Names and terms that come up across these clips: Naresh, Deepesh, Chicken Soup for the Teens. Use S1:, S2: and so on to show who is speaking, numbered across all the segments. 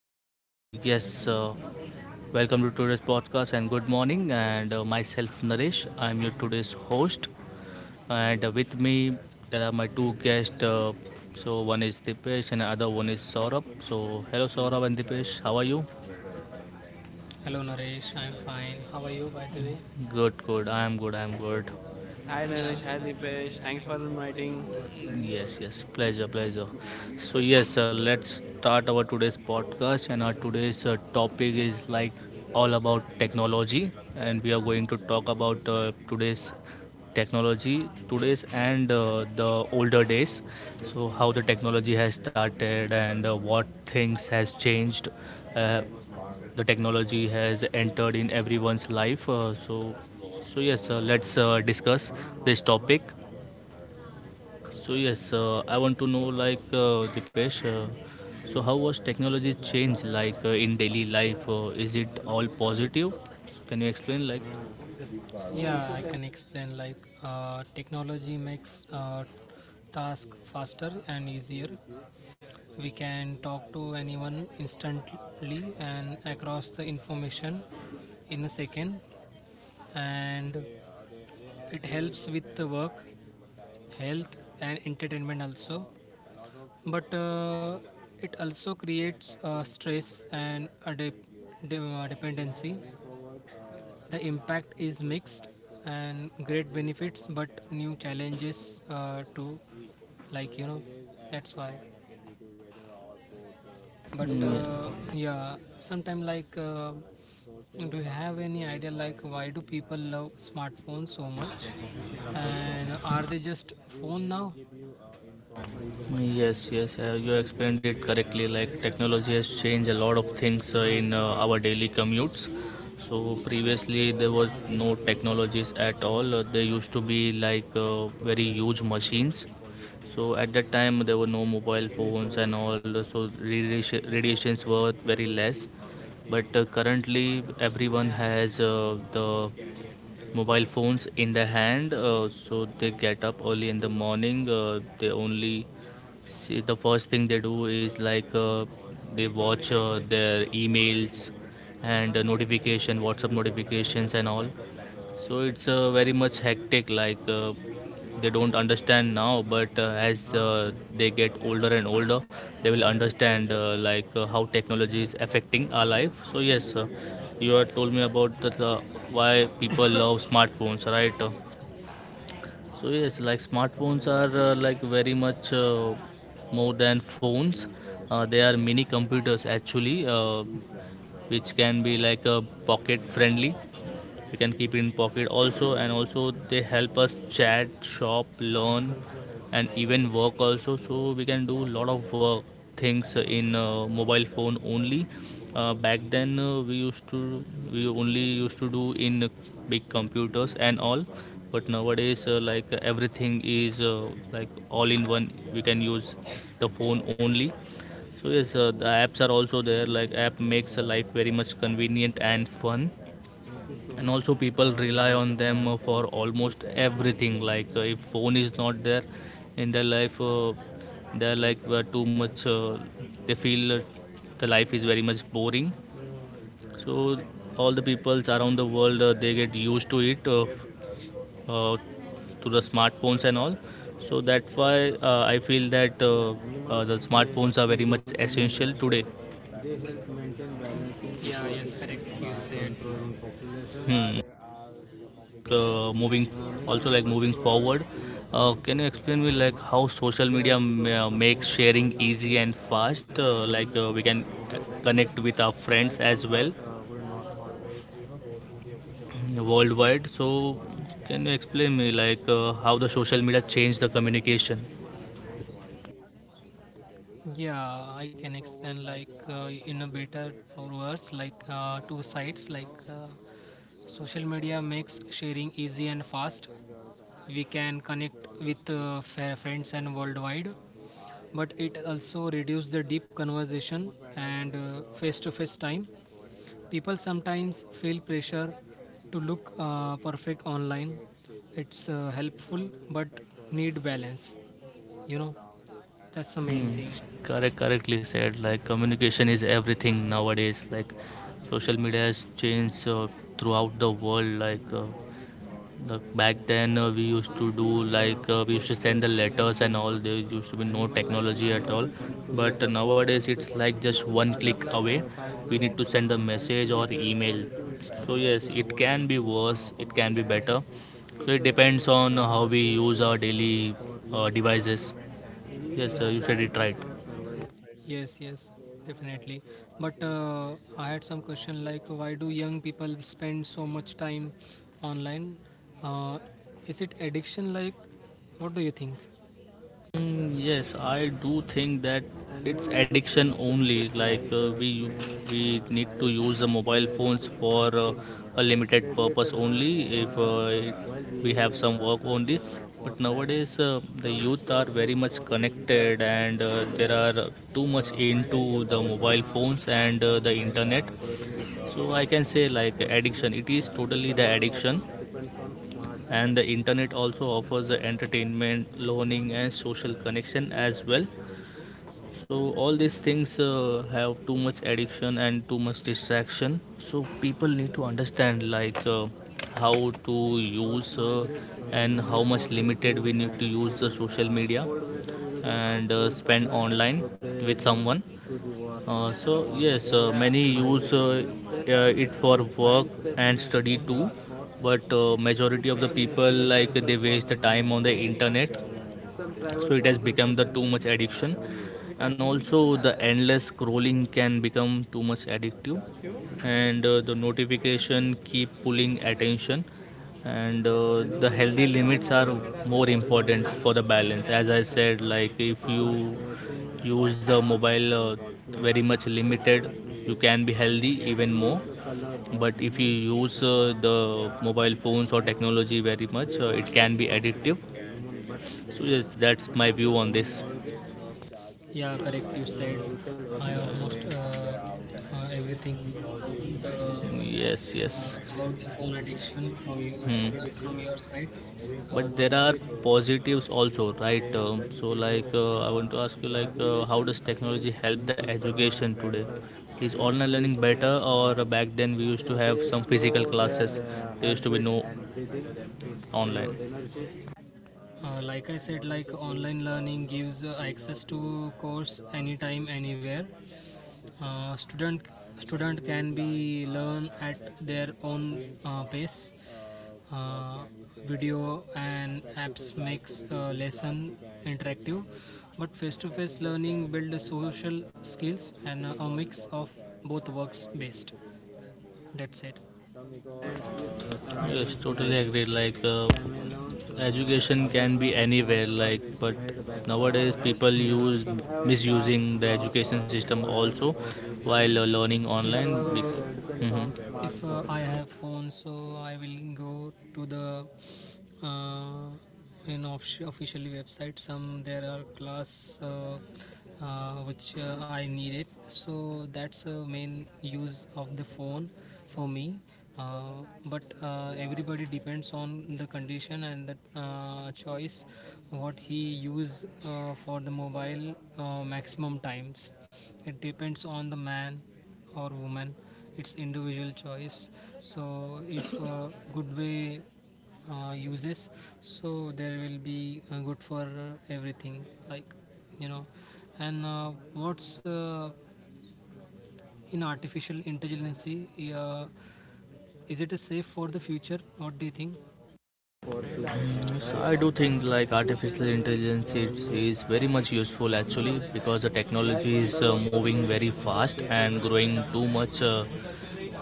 S1: Welcome to today's podcast and good morning. And Myself Naresh, I'm your today's host. And with me there are my two guests. So one is Dipesh and other one is Saurabh. So hello Saurabh and Dipesh, how are you?
S2: Hello Naresh, I'm fine. How are you by the way?
S1: Good, good. I am good. I am good.
S3: Hi
S2: Yeah,
S3: Naresh, hi Deepesh. Thanks for inviting.
S1: Yes, yes, pleasure, pleasure. Let's start our today's podcast, and our today's topic is like all about technology, and we are going to talk about today's technology, today's and the older days. So how the technology has started and what things has changed. Uh, the technology has entered in everyone's life. Let's discuss this topic. I want to know like Dipesh, so how was technology change like in daily life? Is it all positive? Can you explain like?
S2: yeah, I can explain like technology makes task faster and easier. We can talk to anyone instantly and across the information in a second, and it helps with the work, health and entertainment also. But it also creates stress and a dependency. The impact is mixed and great benefits, but new challenges too. Like you know, that's why. But
S1: Mm,
S2: yeah, sometime like, do you have any idea like why do people love smartphones so much? And are they just phone now?
S1: yes, yes, you explained it correctly. Like technology has changed a lot of things in our daily commutes. So previously there was no technologies at all. They used to be like very huge machines. So at that time there were no mobile phones and all, so radiation, radiations were very less. But currently everyone has the mobile phones in the hand, so they get up early in the morning. They only see, the first thing they do is like they watch their emails and notification, WhatsApp notifications and all. So it's very much hectic. Like they don't understand now, but as they get older and older, they will understand like how technology is affecting our life. You had told me about the why people love smartphones, right? Like smartphones are like very much more than phones. They are mini computers actually, which can be like a pocket friendly. You can keep it in pocket also, and also they help us chat, shop, learn, and even work also. So we can do a lot of work things in mobile phone only. Back then, we only used to do in big computers and all. But nowadays like everything is like all in one. We can use the phone only. The apps are also there. Like app makes a life very much convenient and fun, and also people rely on them for almost everything. Like if phone is not there in their life, they're like too much they feel the life is very much boring. So all the peoples around the world, they get used to it, uh, to the smartphones and all. So that's why I feel that the smartphones are very much essential today.
S2: Yeah, yes, correct. You said.
S1: Hmm. Moving also like Moving forward, can you explain me like how social
S2: Just
S1: media
S2: having your blood is
S1: makes
S2: always
S1: sharing
S2: down
S1: easy
S2: to
S1: and fast,
S2: official
S1: like we can
S2: application, bond sources,
S1: connect with our friends as well
S2: you should always, you know, go through the official application to
S1: worldwide.
S2: avoid the
S1: Can
S2: scams.
S1: you explain
S2: Like,
S1: me like
S2: only
S1: how
S2: to
S1: the
S2: make
S1: social
S2: sense
S1: media changed the
S2: use your
S1: communication?
S2: use wisely. Yeah, I can it explain like in a better create or like worse, like two sides, like social media makes sharing easy and fast. We can connect with friends and worldwide, but it also reduces the deep conversation and face to face time. People sometimes feel pressure to look perfect online. It's helpful but need balance, you know, that's the main
S1: Hmm,
S2: thing.
S1: correct, correctly said. Like communication is everything nowadays. Like social media has changed throughout the world. Like back then, we used to send the letters and all. There used to be no technology at all. But nowadays it's like just one click away. We need to send a message or email. So yes, it can be worse. It can be better. So it depends on how we use our daily devices. Yes, you said it right.
S2: Yes, definitely. But I had some question, like why do young people spend so much time online? uh, is it addiction? Like, what do you think?
S1: Mm, yes, I do think that it's addiction only. Like we need to use the mobile phones for a limited purpose only. If we have some work only, but nowadays the youth are very much connected and there are too much into the mobile phones and the internet. So I can say like addiction. It is totally the addiction, and the internet also offers the entertainment, learning and social connection as well. So all these things have too much addiction and too much distraction. So people need to understand like how to use and how much limited we need to use the social media and spend online with someone. Many use it for work and study too, but majority of the people like they waste the time on the internet. So it has become the too much addiction, and also the endless scrolling can become too much addictive, and the notification keep pulling attention, and the healthy limits are more important for the balance. As I said, like if you use the mobile very much limited, you can be healthy even more. But if you use the mobile phones or technology very much, it can be addictive. So yes, that's my view on this.
S2: Yeah, correct. You said I almost everything about the
S1: Yes, yes.
S2: uh, about the phone addiction from you
S1: Hmm.
S2: from your side.
S1: But
S2: That's
S1: there are
S2: very,
S1: positives also, right? So like, I want to ask you, like, how does technology help the education today? Is online learning better, or back then we used to have some physical classes? There used to be no online.
S2: like I said, like online learning gives access to course anytime, anywhere. Uh, student student can be learn at their own pace. uh, Video and apps makes lesson interactive, but face-to-face learning build social skills, and a mix of both works best. That's it.
S1: Yes, totally agree. Like, education can be anywhere. Like, but nowadays people
S2: Yeah,
S1: use misusing the education system also while learning
S2: if
S1: online.
S2: uh,
S1: Because,
S2: if I have phone, so I will go to the uh, in officially website. Some there are class which I needed, so that's a main use of the phone for me. uh, but everybody depends on the condition and the choice, what he use for the mobile maximum times. It depends on the man or woman. It's individual choice. So if good way uses, so there will be good for everything, like you know. And what's in artificial intelligence, uh, is it a safe for the future? What do you think?
S1: so I do think like artificial intelligence it is very much useful actually because the technology is moving very fast and growing too much uh,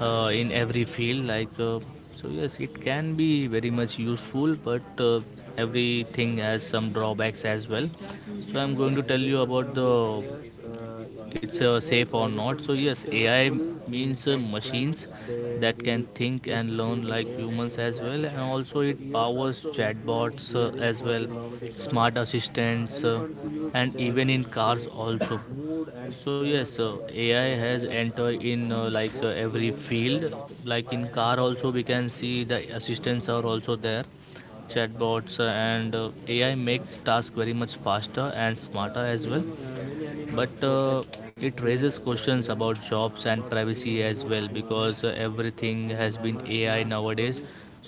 S1: uh, in every field like so yes it can be very much useful, but everything has some drawbacks as well. So I'm going to tell you about the it's safe or not. So yes, AI means machines that can think and learn like humans as well, and also it powers chatbots as well, smart assistants, and even in cars also. So yes, AI has entered in like every field. Like in car also, we can see the assistants are also there, chatbots, and AI makes task very much faster and smarter as well. But it raises questions about jobs and privacy as well, because everything has been AI nowadays.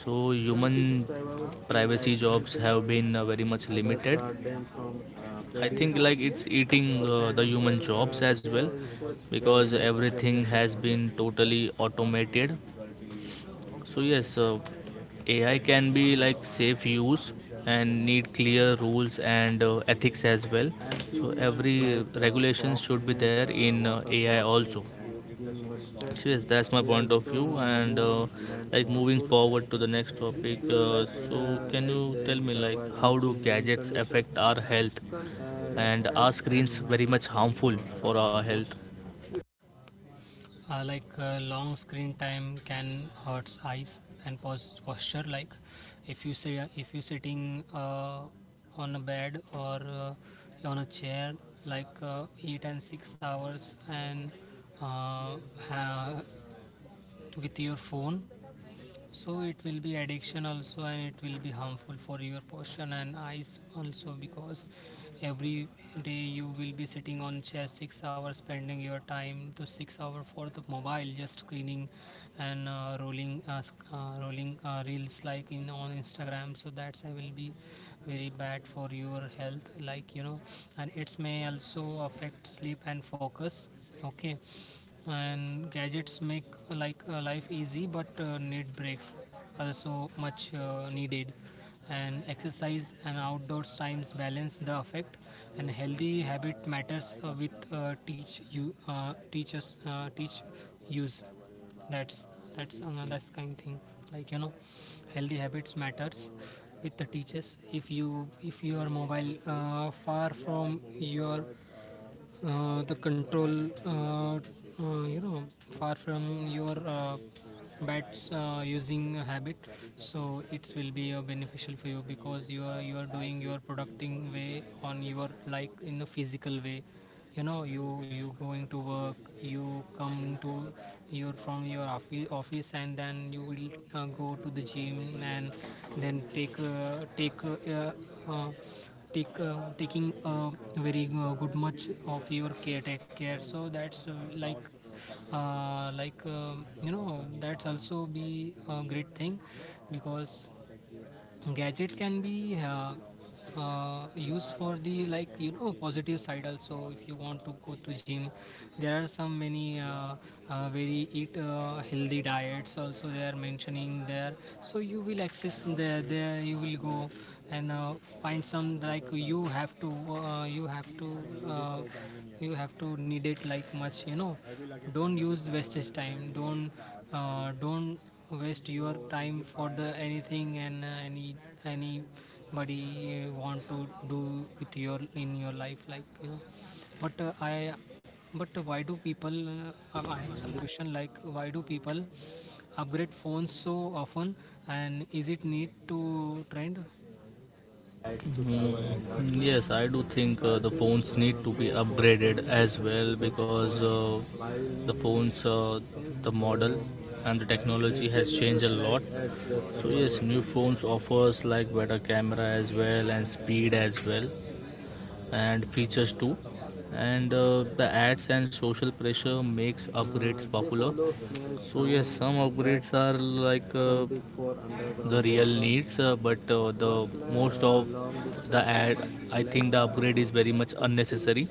S1: So human privacy, jobs have been very much limited. I think like it's eating the human jobs as well, because everything has been totally automated. So yes, AI can be like safe use and need clear rules and ethics as well. So every regulation should be there in AI also. So yes, that's my point of view. And like moving forward to the next topic, so can you tell me like how do gadgets affect our health, and are screens very much harmful for our health?
S2: Like long screen time can hurt eyes and posture. Like, if you say if you sitting on a bed or on a chair, like 8 and 6 hours and uh, ha- with your phone, so it will be addiction also, and it will be harmful for your portion and eyes also, because every day you will be sitting on chair 6 hours, spending your time to 6 hour for the mobile just screening and rolling rolling reels like in on Instagram. So that's I will be very bad for your health, like you know. And it's may also affect sleep and focus. Okay. And gadgets make like life easy, but need breaks are so much needed. And exercise and outdoors times balance the effect. And healthy habit matters with teach you teach us teach use. That's that's kind thing, like you know. Healthy habits matters with the teachers. If you, if your mobile far from your the control you know, far from your bats using a habit, so it will be beneficial for you, because you are doing your producting way on your like in a physical way. You know, you going to work. You come to your from your office, and then you will go to the gym and then take take uh, take taking very good much of your care take care. So that's like like um, you know, that's also be a great thing, because gadget can be used for the, like you know, positive side also. If you want to go to gym, there are some many very eat healthy diets also they are mentioning there. So you will access there, there you will go, and find some, like you have to you have to uh, you have to need it, like much you know. Don't use wastage time, don't waste your time for the anything and any anybody want to do with your in your life, like you know. But I but why do people I have some question, like why do people upgrade phones so often, and is it need to trend?
S1: Mm, yes, I do think the phones need to be upgraded as well, because the phones, the model and the technology has changed a lot. So yes, new phones offers like better camera as well and speed as well and features too. And the ads and social pressure makes upgrades popular. So yes, some upgrades are like the real needs, but the most of the ad, I think the upgrade is very much unnecessary.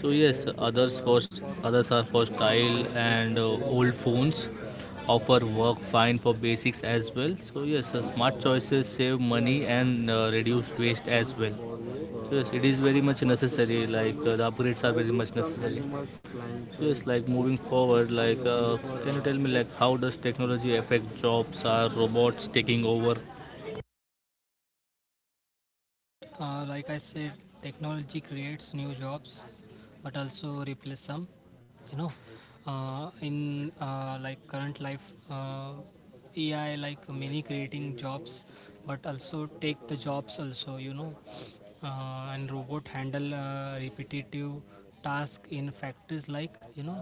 S1: So yes, others first, others are for style, and old phones offer work fine for basics as well. So yes, smart choices save money and reduce waste as well. So yes, it is very much necessary. Like the upgrades are very much necessary. So yes, like moving forward, like can you tell me like how does technology affect jobs, are robots taking over?
S2: Like I said, technology creates new jobs, but also replace some. You know, in like current life, uh, AI like many creating jobs, but also take the jobs also. You know, and robot handle repetitive task in factories, like you know.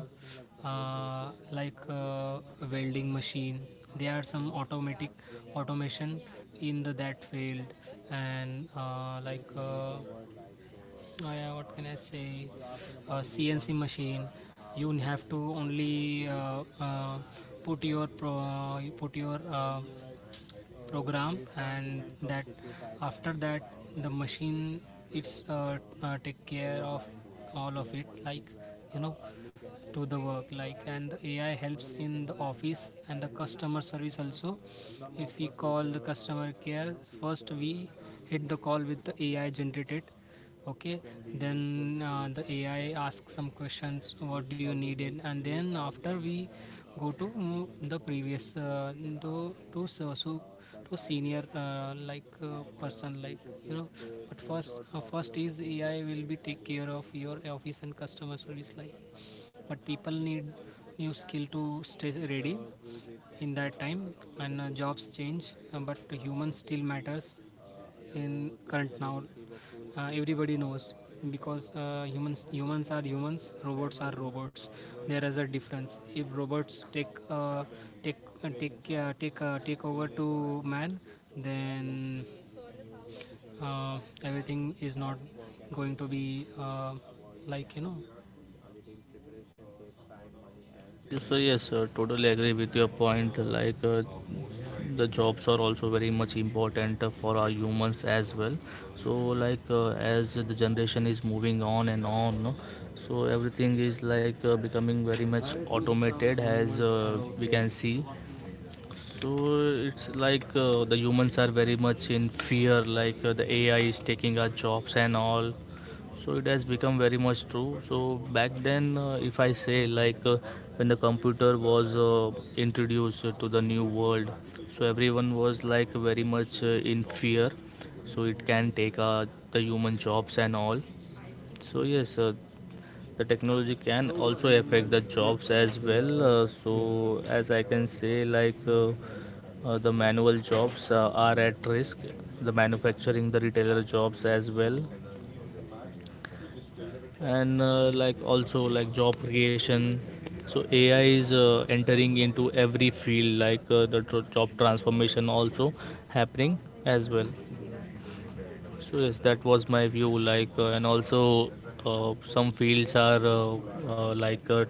S2: Like welding machine, there are some automatic automation in the that field. And like I- what can I say, CNC machine, you have to only put your program, and that, after that the machine, it's take care of all of it, like you know, to the work like. And the AI helps in the office and the customer service also. If we call the customer care, first we hit the call with the AI generated. Okay, then the AI asks some questions, what do you need it, and then after we go to the previous to so, so to senior like person, like you know. But first first is AI will be take care of your office and customer service like. But people need new skill to stay ready in that time. And jobs change but human still matters in current now. Everybody knows, because humans are humans, robots are robots. There is a difference. If robots take over to man, then everything is not going to be like you know.
S1: So yes, totally agree with your point. Like the jobs are also very much important for our humans as well. So like as the generation is moving on and on, no? So everything is like becoming very much automated, as we can see. So it's like the humans are very much in fear, like the AI is taking our jobs and all. So it has become very much true. So back then, if I say like when the computer was introduced to the new world, so everyone was like very much in fear. So it can take the human jobs and all. So yes, the technology can also affect the jobs as well. So as I can say, like the manual jobs are at risk, the manufacturing, the retailer jobs as well, and like also like job creation. So AI is entering into every field, like the job transformation also happening as well. So yes, that was my view. And also some fields are uh, like uh,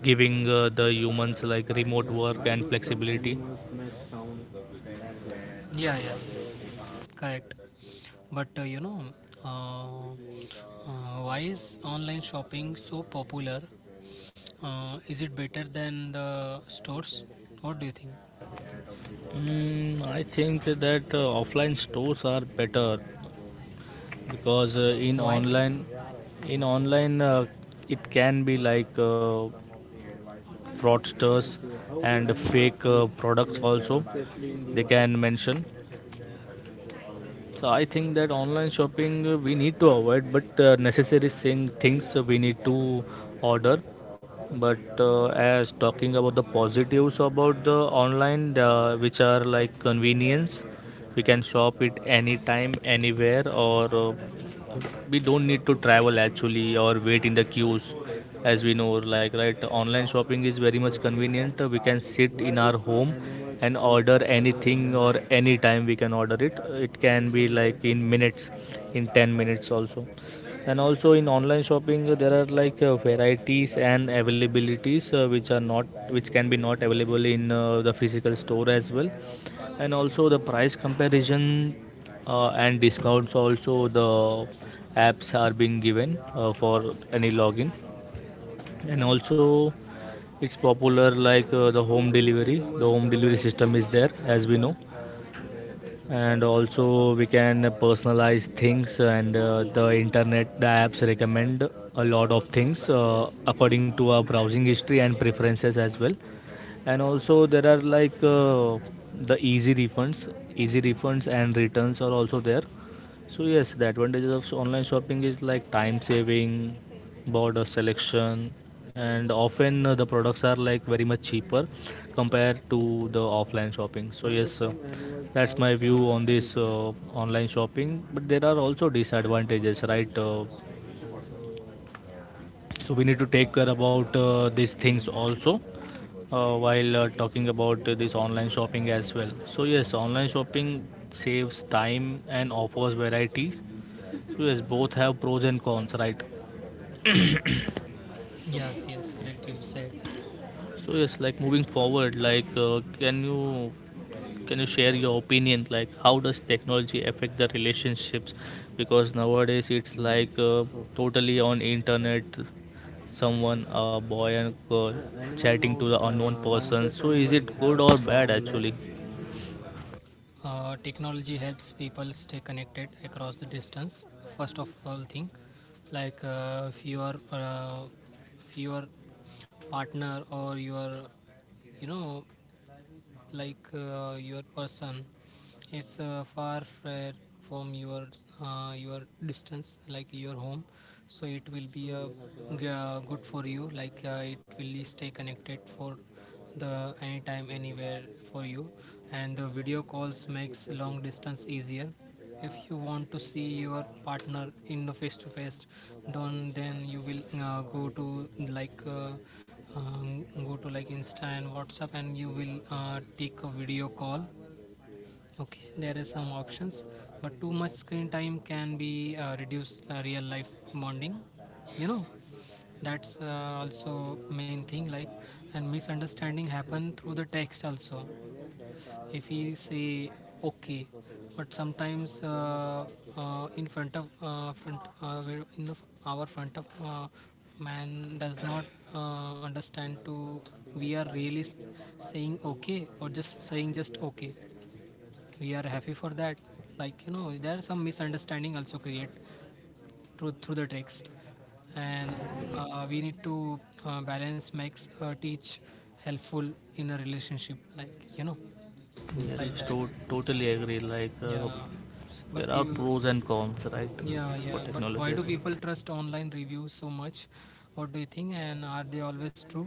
S1: giving the humans like remote work and flexibility.
S2: Yeah, correct. But you know, why is online shopping so popular? Is it better than the stores? What do you think?
S1: I think that offline stores are better because in
S2: Why?
S1: online, in online it can be like fraudsters and fake products also. They can mention. So I think that online shopping we need to avoid, but necessary things we need to order. But as talking about the positives about the online, which are like convenience, we can shop it anytime, anywhere, or we don't need to travel actually or wait in the queues, as we know. Like, right, online shopping is very much convenient. We can sit in our home and order anything, or anytime we can order it. It can be like in minutes, in 10 minutes also. And also in online shopping, there are varieties and availabilities which are not which can be not available in the physical store as well. And also the price comparison and discounts, also the apps are being given for any login. And also it's popular, like the home delivery system is there, as we know. And also we can personalize things, and the apps recommend a lot of things according to our browsing history and preferences as well. And also there are like the easy refunds and returns are also there. So yes, the advantages of online shopping is like time saving, border selection, and often the products are like very much cheaper compared to the offline shopping. So yes, that's my view on this online shopping. But there are also disadvantages, right? So we need to take care about these things also, while talking about this online shopping as well. So yes, online shopping saves time and offers varieties. So yes, both have pros and cons, right?
S2: Yes, yes, correct. You said
S1: So yes, like moving forward, can you share your opinion, like how does technology affect the relationships, because nowadays it's like totally on internet, someone, a boy and girl, chatting to the unknown person. So is it good or bad actually?
S2: technology helps people stay connected across the distance. First of all, thing, like if you are if your partner or your, you know, like your person, it's from your distance like your home. So it will be good for you, like it will stay connected for the anytime anywhere for you. And the video calls makes long distance easier. If you want to see your partner in a face to face, don't, then you will go to like Insta and WhatsApp, and you will take a video call. Okay, there is some options. But too much screen time can be reduced real life bonding, you know. That's also main thing like. And misunderstanding happen through the text also. If he say okay, but sometimes in front of front where in the, our front of man does not understand to, we are really saying okay or just saying just okay. We are happy for that, like you know. There are some misunderstanding also create through the text. And we need to balance makes teach helpful in a relationship, like you know. Like
S1: yes
S2: that.
S1: to- totally agree,
S2: Yeah,
S1: there
S2: but
S1: are
S2: you,
S1: pros and cons, right, for
S2: yeah, but why
S1: technology as
S2: do people
S1: well.
S2: trust online reviews so much? What do you think? And are they always true?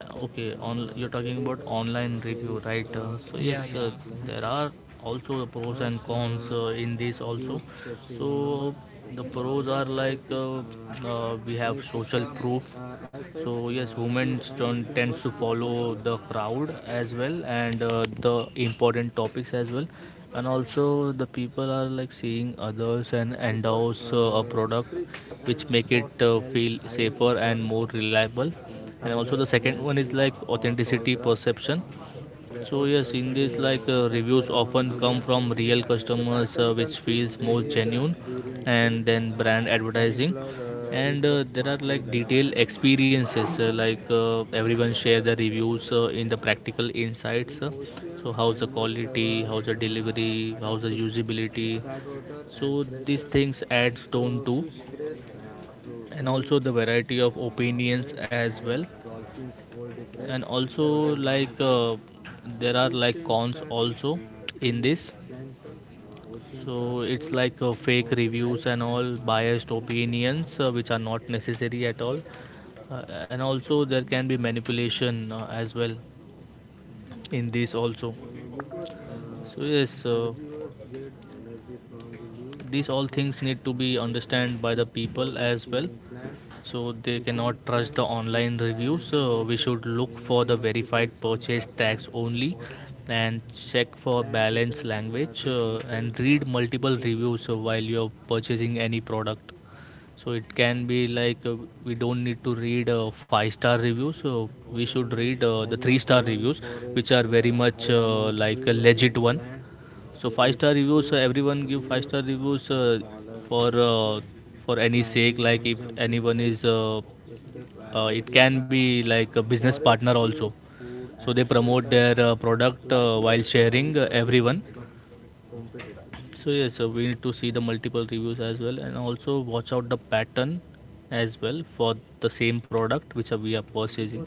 S1: Okay, on you're talking about online review, right? Uh, so
S2: Yeah,
S1: yes, uh,
S2: yeah,
S1: there are also the pros and cons in this also. So the pros are like we have social proof. So yes, humans tends to follow the crowd as well, and the important topics as well. And also the people are like seeing others and endorse a product, which make it feel safer and more reliable. And also the second one is like authenticity perception. So yes, in this, reviews often come from real customers, which feels more genuine. And then brand advertising, and there are like detailed experiences, everyone share the reviews in the practical insights. So how's the quality, how's the delivery, how's the usability. So these things adds tone to. And also the variety of opinions as well. And also there are like cons also in this. So it's like fake reviews and all, biased opinions which are not necessary at all. And also there can be manipulation as well, in this also. So yes, these all things need to be understood by the people as well. So they cannot trust the online reviews. We should look for the verified purchase tags only, and check for balanced language, and read multiple reviews while you're purchasing any product. So it can be like, we don't need to read five-star reviews, so we should read the three-star reviews, which are very much like a legit one. So five-star reviews, everyone give five-star reviews, for uh, for any sake. Like if anyone is it can be like a business partner also, so they promote their product while sharing everyone. So yes, we need to see the multiple reviews as well, and also watch out the pattern as well for the same product which we are purchasing.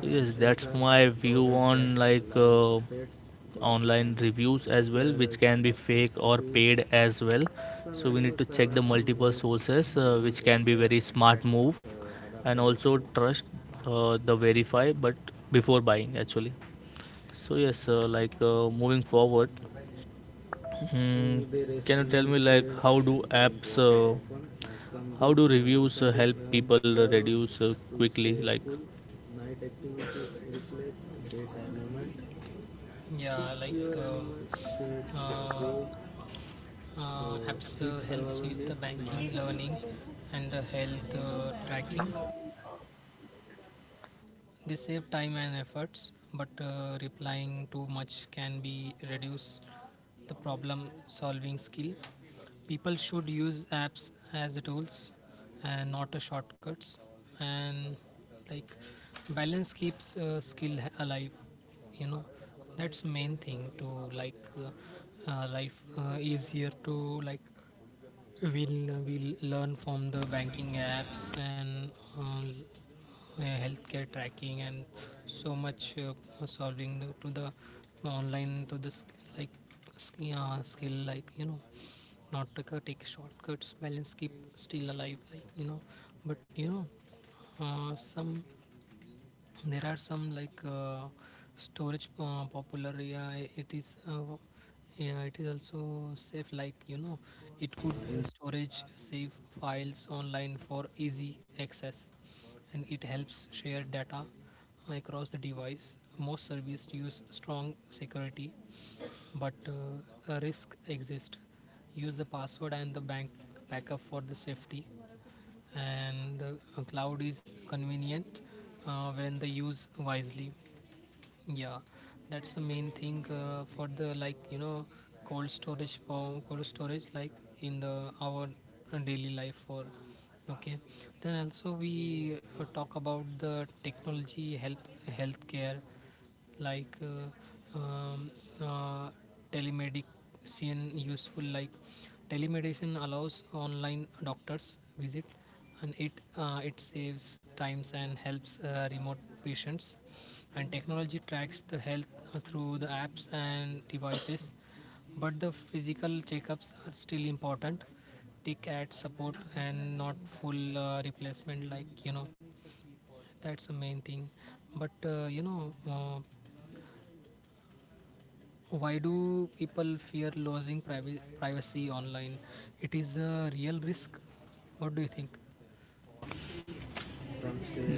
S1: So yes, that's my view on, online reviews as well, which can be fake or paid as well. So we need to check the multiple sources, which can be very smart move, and also trust the verify, but before buying actually. So yes, moving forward. Hmm, can you tell me like how do apps, how do reviews help people reduce quickly? Like,
S2: yeah, like uh, apps helps with the banking, learning, and the health tracking. They save time and efforts, but replying too much can be reduce the problem solving skill. People should use apps as tools and not as shortcuts. And like, balance keeps skill alive, you know. That's the main thing to, like life easier to, like we'll learn from the banking apps and uh, healthcare tracking and so much solving the, to the online to the skill, like you know. Not to take shortcuts. Balance keep still alive, like you know. But you know some, there are some like storage popular, yeah. It is yeah, it is also safe, like you know. It could storage save files online for easy access, and it helps share data across the device. Most services use strong security, but a risk exists. Use the password and the bank backup for the safety. And a cloud is convenient when they use wisely. Yeah, that's the main thing for the, like you know, cold storage for cold storage, like in the our daily life for. Okay, then also we talk about the technology health healthcare, like uh, telemedicine useful like. Telemedicine allows online doctors visit, and it it saves times and helps remote patients. And technology tracks the health through the apps and devices, but the physical checkups are still important. Tick at support and not full replacement, like you know. That's the main thing. But you know, why do people fear losing privacy online? It is a real risk. What do you think?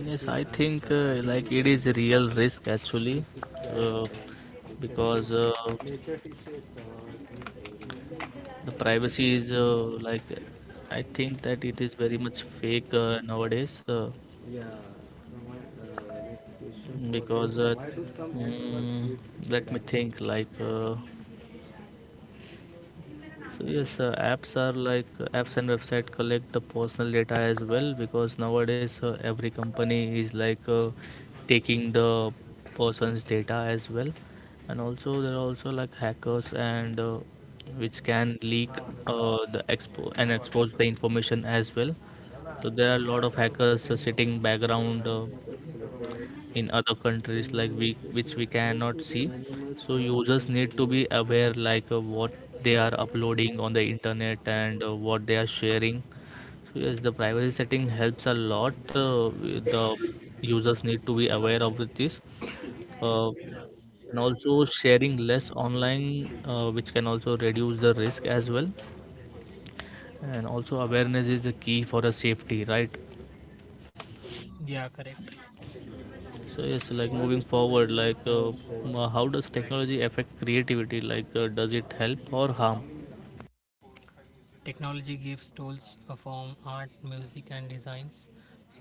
S1: yes, I think like it is a real risk actually, uh, because the privacy is like I think that it is very much fake nowadays, because uh, mm, let me think like. So yes, apps are like, apps and website collect the personal data as well, because nowadays every company is like taking the person's data as well. And also there are also like hackers and which can leak the expo and expose the information as well. So there are a lot of hackers sitting background. In other countries like, we which we cannot see. So users need to be aware, what they are uploading on the internet, and what they are sharing. So yes, the privacy setting helps a lot. The users need to be aware of this, uh, and also sharing less online, which can also reduce the risk as well. And also awareness is the key for a safety, right?
S2: Yeah, correct.
S1: So yes, like moving forward, how does technology affect creativity? Like does it help or harm?
S2: Technology gives tools from art, music, and designs.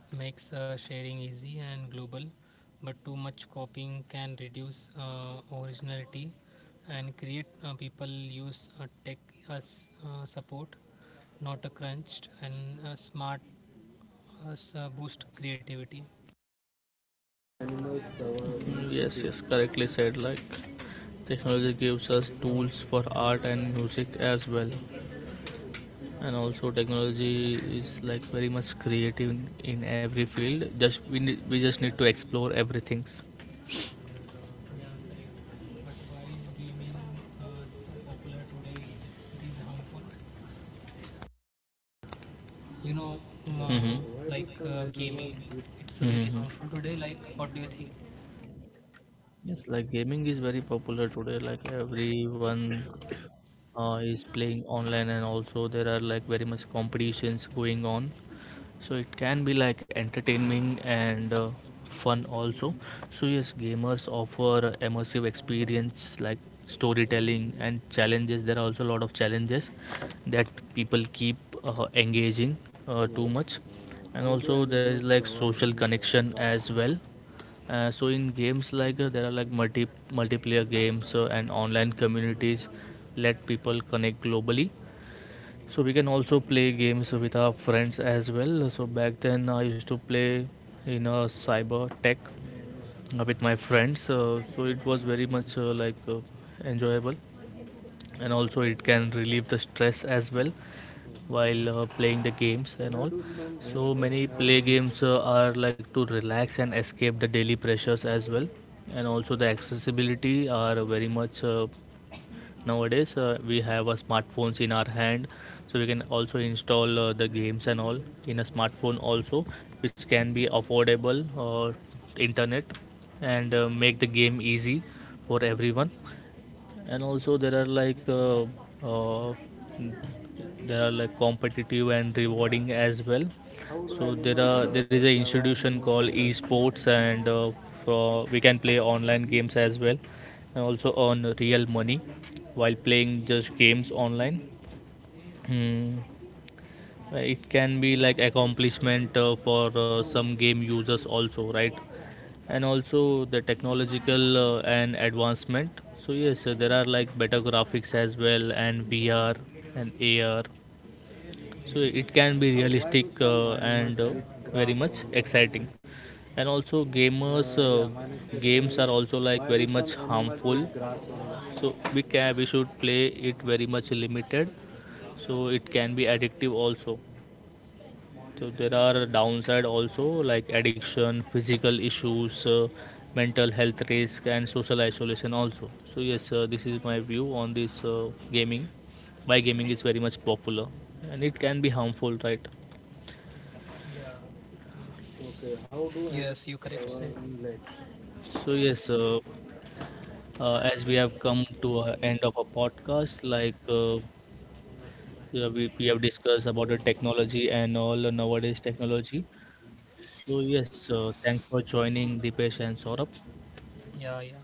S2: It makes sharing easy and global, but too much copying can reduce originality. And create people use tech as support, not a crunched. And smart as a boost creativity.
S1: Mm, yes, yes, correctly said. Like technology gives us tools for art and music as well. And also technology is like very much creative in every field. Just we need, we just need to explore everything.
S2: You know, mm, uh, like
S1: Mm-hmm.
S2: gaming, it's very
S1: Mm-hmm.
S2: harmful today. Like, what do you think?
S1: Yes, like gaming is very popular today. Like everyone is playing online, and also there are like very much competitions going on. So it can be like entertaining and fun also. So yes, gamers offer immersive experience like storytelling and challenges. There are also a lot of challenges that people keep engaging too much. And also there is like social connection as well. So in games, like there are like multiplayer games and online communities let people connect globally. So we can also play games with our friends as well. So back then I used to play in a cyber tech with my friends, so it was very much enjoyable. And also it can relieve the stress as well while playing the games and all. So many play games are like to relax and escape the daily pressures as well. And also the accessibility are very much nowadays. We have smartphones in our hand, so we can also install the games and all in a smartphone also, which can be affordable or internet, and make the game easy for everyone. And also uh, there are like competitive and rewarding as well. So there is a institution called esports, and for we can play online games as well, and also earn real money while playing just games online. Hmm, it can be like accomplishment for some game users also, right? And also the technological and advancement. So yes, there are like better graphics as well, and VR and AR. So it can be realistic and very much exciting. And also gamers, games are also like very much harmful. So we should play it very much limited. So it can be addictive also. So there are downside also, like addiction, physical issues, mental health risk, and social isolation also. So yes, this is my view on this gaming. Why gaming is very much popular, and it can be harmful, right?
S2: Yes, you correct said.
S1: So yes, as we have come to a end of a podcast, yeah, we have discussed about the technology and all nowadays technology. So yes, thanks for joining Dipesh and Saurabh.
S2: Yeah, yeah.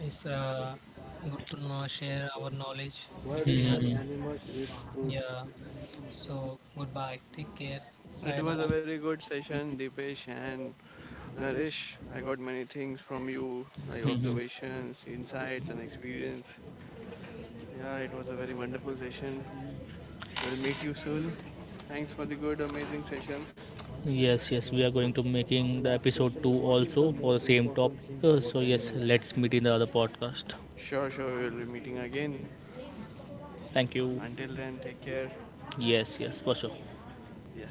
S2: It's good to know, share our knowledge between
S1: Hmm.
S2: us. Yeah. So, goodbye. Take care.
S3: It
S2: Sayonara.
S3: was a very good session, Deepesh and Naresh. I got many things from you, like
S1: Hmm.
S3: observations, insights, and experience. Yeah, it was a very wonderful session. We'll meet you soon. Thanks for the good, amazing session.
S1: Yes, yes, we are going to making the episode 2 also for the same topic. So yes, let's meet in the other podcast.
S3: Sure, we will be meeting again.
S1: Thank you.
S3: Until then, take care.
S1: Yes, yes, for sure.
S3: Yeah.